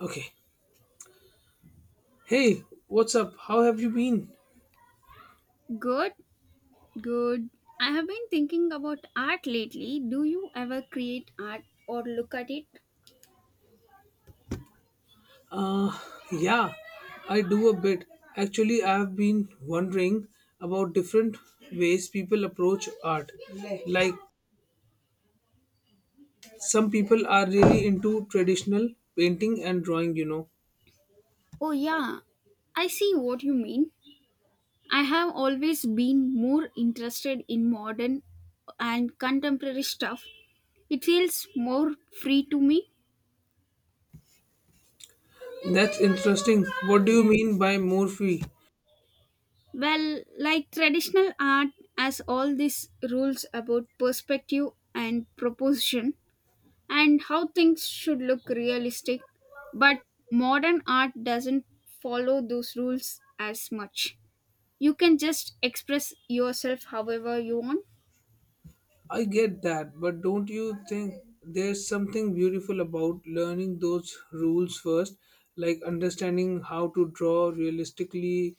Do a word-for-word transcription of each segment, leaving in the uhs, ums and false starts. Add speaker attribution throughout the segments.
Speaker 1: Okay. Hey, what's up? How have you been?
Speaker 2: Good, good. I have been thinking about art lately. Do you ever create art or look at it?
Speaker 1: Uh, yeah, I do a bit. Actually, I have been wondering about different ways people approach art. Like, some people are really into traditional painting and drawing, you know.
Speaker 2: Oh, yeah. I see what you mean. I have always been more interested in modern and contemporary stuff. It feels more free to me.
Speaker 1: That's interesting. What do you mean by more free?
Speaker 2: Well, like traditional art has all these rules about perspective and proportion, and how things should look realistic, but modern art doesn't follow those rules as much. You can just express yourself however you want.
Speaker 1: I get that, but don't you think there's something beautiful about learning those rules first? Like understanding how to draw realistically,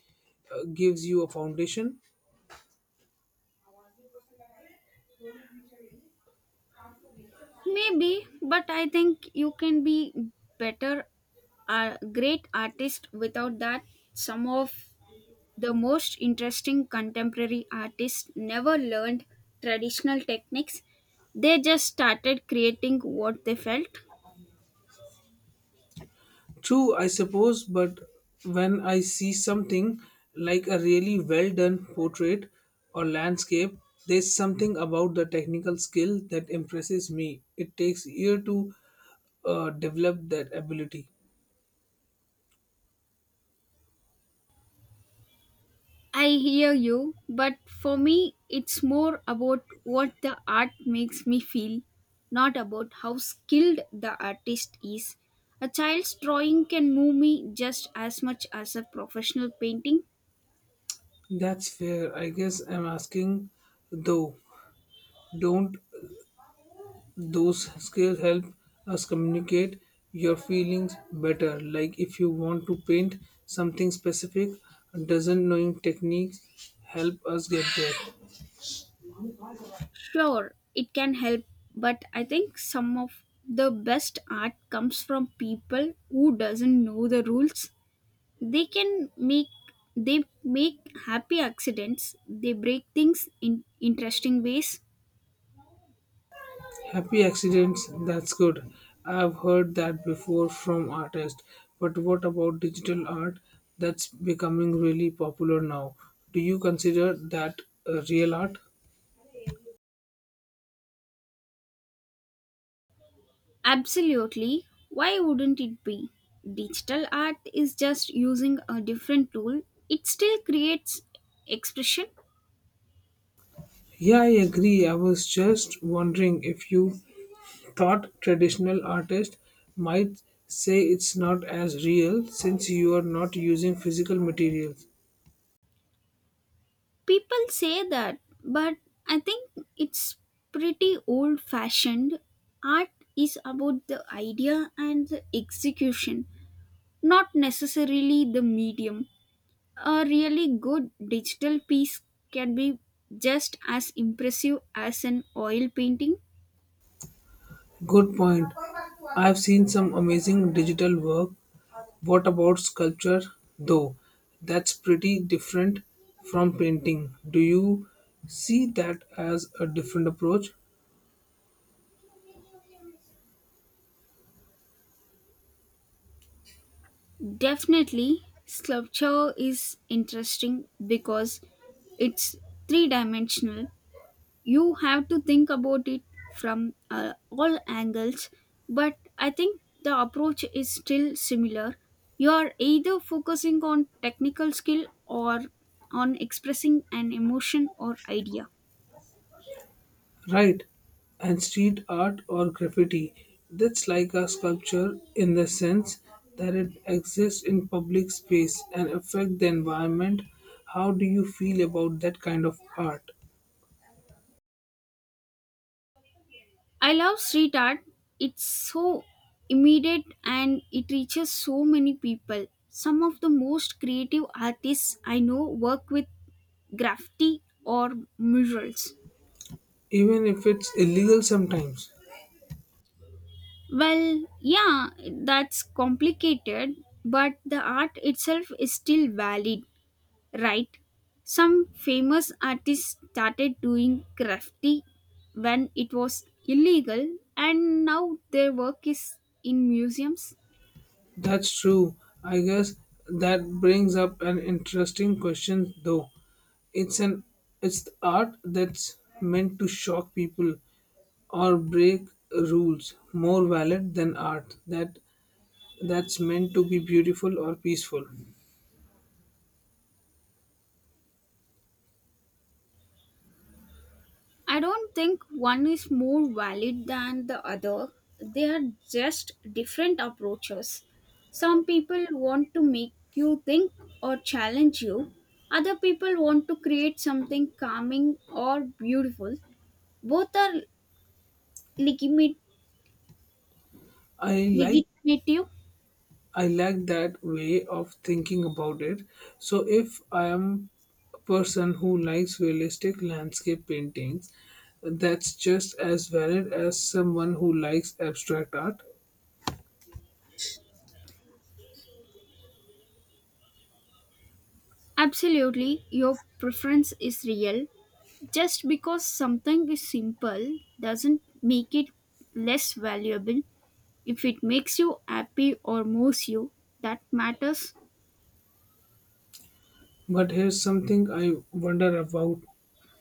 Speaker 1: uh, gives you a foundation?
Speaker 2: Maybe, but I think you can be better a great artist without that, some of the most interesting contemporary artists never learned traditional techniques, they just started creating what they felt.
Speaker 1: True, I suppose, but when I see something like a really well done portrait or landscape, there's something about the technical skill that impresses me. It takes year to, uh, develop that ability.
Speaker 2: I hear you, but for me, it's more about what the art makes me feel, not about how skilled the artist is. A child's drawing can move me just as much as a professional painting.
Speaker 1: That's fair. I guess I'm asking though, don't those skills help us communicate your feelings better? Like if you want to paint something specific, doesn't knowing techniques help us get there?
Speaker 2: Sure, it can help, but I think some of the best art comes from people who doesn't know the rules. They can make they make happy accidents. They break things in interesting ways.
Speaker 1: Happy accidents, that's good. I've heard that before from artists. But what about digital art that's becoming really popular now? Do you consider that, uh, real art?
Speaker 2: Absolutely. Why wouldn't it be? Digital art is just using a different tool. It still creates expression.
Speaker 1: Yeah, I agree. I was just wondering if you thought traditional artists might say it's not as real since you are not using physical materials.
Speaker 2: People say that, but I think it's pretty old fashioned. Art is about the idea and the execution, not necessarily the medium. A really good digital piece can be just as impressive as an oil painting.
Speaker 1: Good point. I've seen some amazing digital work. What about sculpture, though? That's pretty different from painting. Do you see that as a different approach?
Speaker 2: Definitely, sculpture is interesting because it's three dimensional. You have to think about it from uh, all angles, but I think the approach is still similar. You are either focusing on technical skill or on expressing an emotion or idea.
Speaker 1: Right, and street art or graffiti. That's like a sculpture in the sense that it exists in public space and affects the environment. How do you feel about that kind of art?
Speaker 2: I love street art. It's so immediate and it reaches so many people. Some of the most creative artists I know work with graffiti or murals.
Speaker 1: Even if it's illegal sometimes.
Speaker 2: Well, yeah, that's complicated, but the art itself is still valid, right? Some famous artists started doing graffiti when it was illegal, and now their work is in museums.
Speaker 1: That's true. I guess that brings up an interesting question though. It's an it's the art that's meant to shock people or break rules more valid than art that that's meant to be beautiful or peaceful.
Speaker 2: I don't think one is more valid than the other. They are just different approaches. Some people want to make you think or challenge you. Other people want to create something calming or beautiful. Both are legitimate.
Speaker 1: I like
Speaker 2: Legitimate.
Speaker 1: I like that way of thinking about it. So if I am a person who likes realistic landscape paintings, that's just as valid as someone who likes abstract art.
Speaker 2: Absolutely, your preference is real. Just because something is simple doesn't make it less valuable. If it makes you happy or moves you, that matters.
Speaker 1: But here's something I wonder about,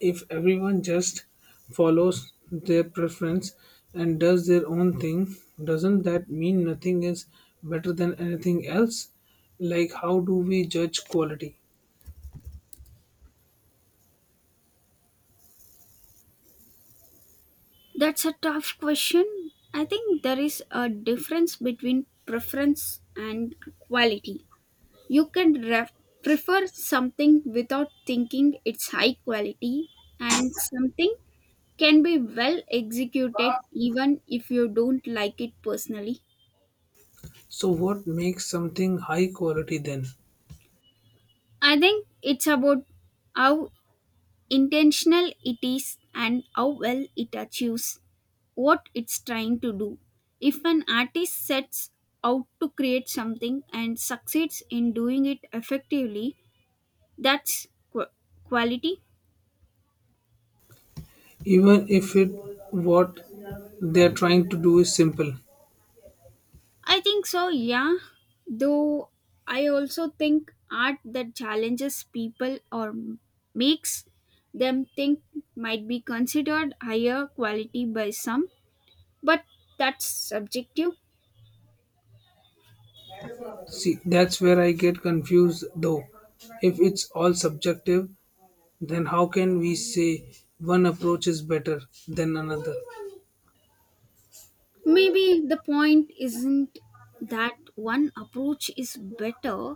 Speaker 1: if everyone just follows their preference and does their own thing, doesn't that mean nothing is better than anything else? Like, how do we judge quality?
Speaker 2: That's a tough question. I think there is a difference between preference and quality. You can ref- prefer something without thinking it's high quality, and something can be well executed even if you don't like it personally.
Speaker 1: So, what makes something high quality then?
Speaker 2: I think it's about how intentional it is and how well it achieves what it's trying to do. If an artist sets out to create something and succeeds in doing it effectively, that's qu- quality.
Speaker 1: Even if it, what they're trying to do is simple.
Speaker 2: I think so, yeah. Though I also think art that challenges people or m- makes them think might be considered higher quality by some, but that's subjective.
Speaker 1: See, that's where I get confused though. If it's all subjective, then how can we say one approach is better than another?
Speaker 2: Maybe the point isn't that one approach is better,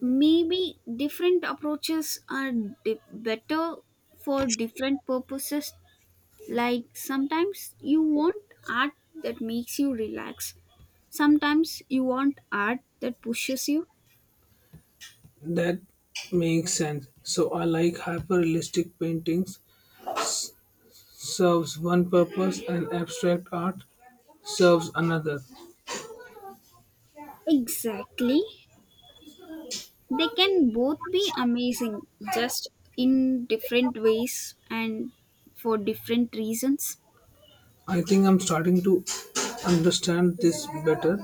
Speaker 2: maybe different approaches are di- better for different purposes, like sometimes you want art that makes you relax, sometimes you want art that pushes you.
Speaker 1: That makes sense. So I like hyperrealistic paintings serves one purpose and abstract art serves another.
Speaker 2: Exactly, they can both be amazing, just in different ways and for different reasons.
Speaker 1: I think I'm starting to understand this better.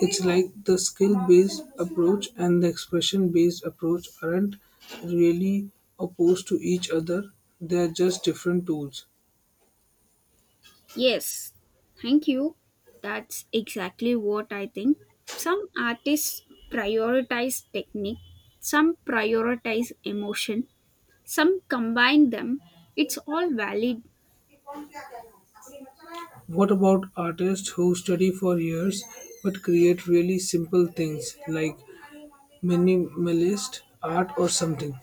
Speaker 1: It's like the skill based approach and the expression based approach aren't really opposed to each other, they're just different tools.
Speaker 2: Yes, thank you. That's exactly what I think. Some artists prioritize technique, some prioritize emotion, some combine them. It's all valid.
Speaker 1: What about artists who study for years but create really simple things like minimalist art or something?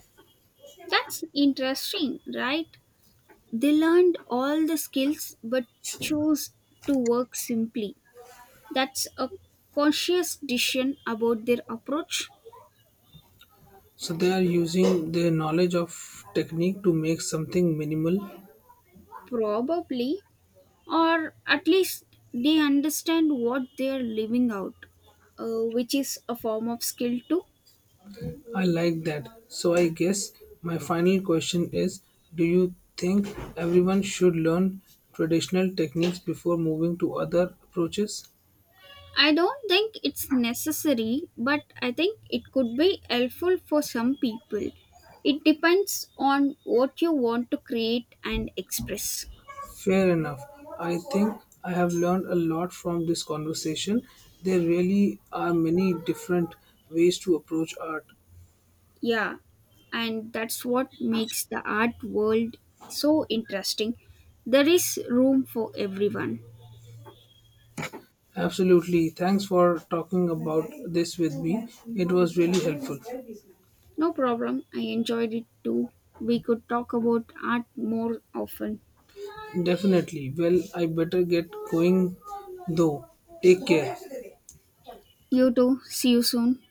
Speaker 2: That's interesting, right? They learned all the skills but chose to work simply. That's a conscious decision about their approach.
Speaker 1: So they are using their knowledge of technique to make something minimal.
Speaker 2: Probably, or at least they understand what they're living out, uh, which is a form of skill too.
Speaker 1: I like that. So I guess my final question is, do you think everyone should learn traditional techniques before moving to other approaches?
Speaker 2: I don't think it's necessary, but I think it could be helpful for some people. It depends on what you want to create and express.
Speaker 1: Fair enough. I think I have learned a lot from this conversation. There really are many different ways to approach art.
Speaker 2: Yeah, and that's what makes the art world so interesting. There is room for everyone.
Speaker 1: Absolutely. Thanks for talking about this with me. It was really helpful.
Speaker 2: No problem. I enjoyed it too. We could talk about art more often.
Speaker 1: Definitely. Well, I better get going though. Take care.
Speaker 2: You too. See you soon.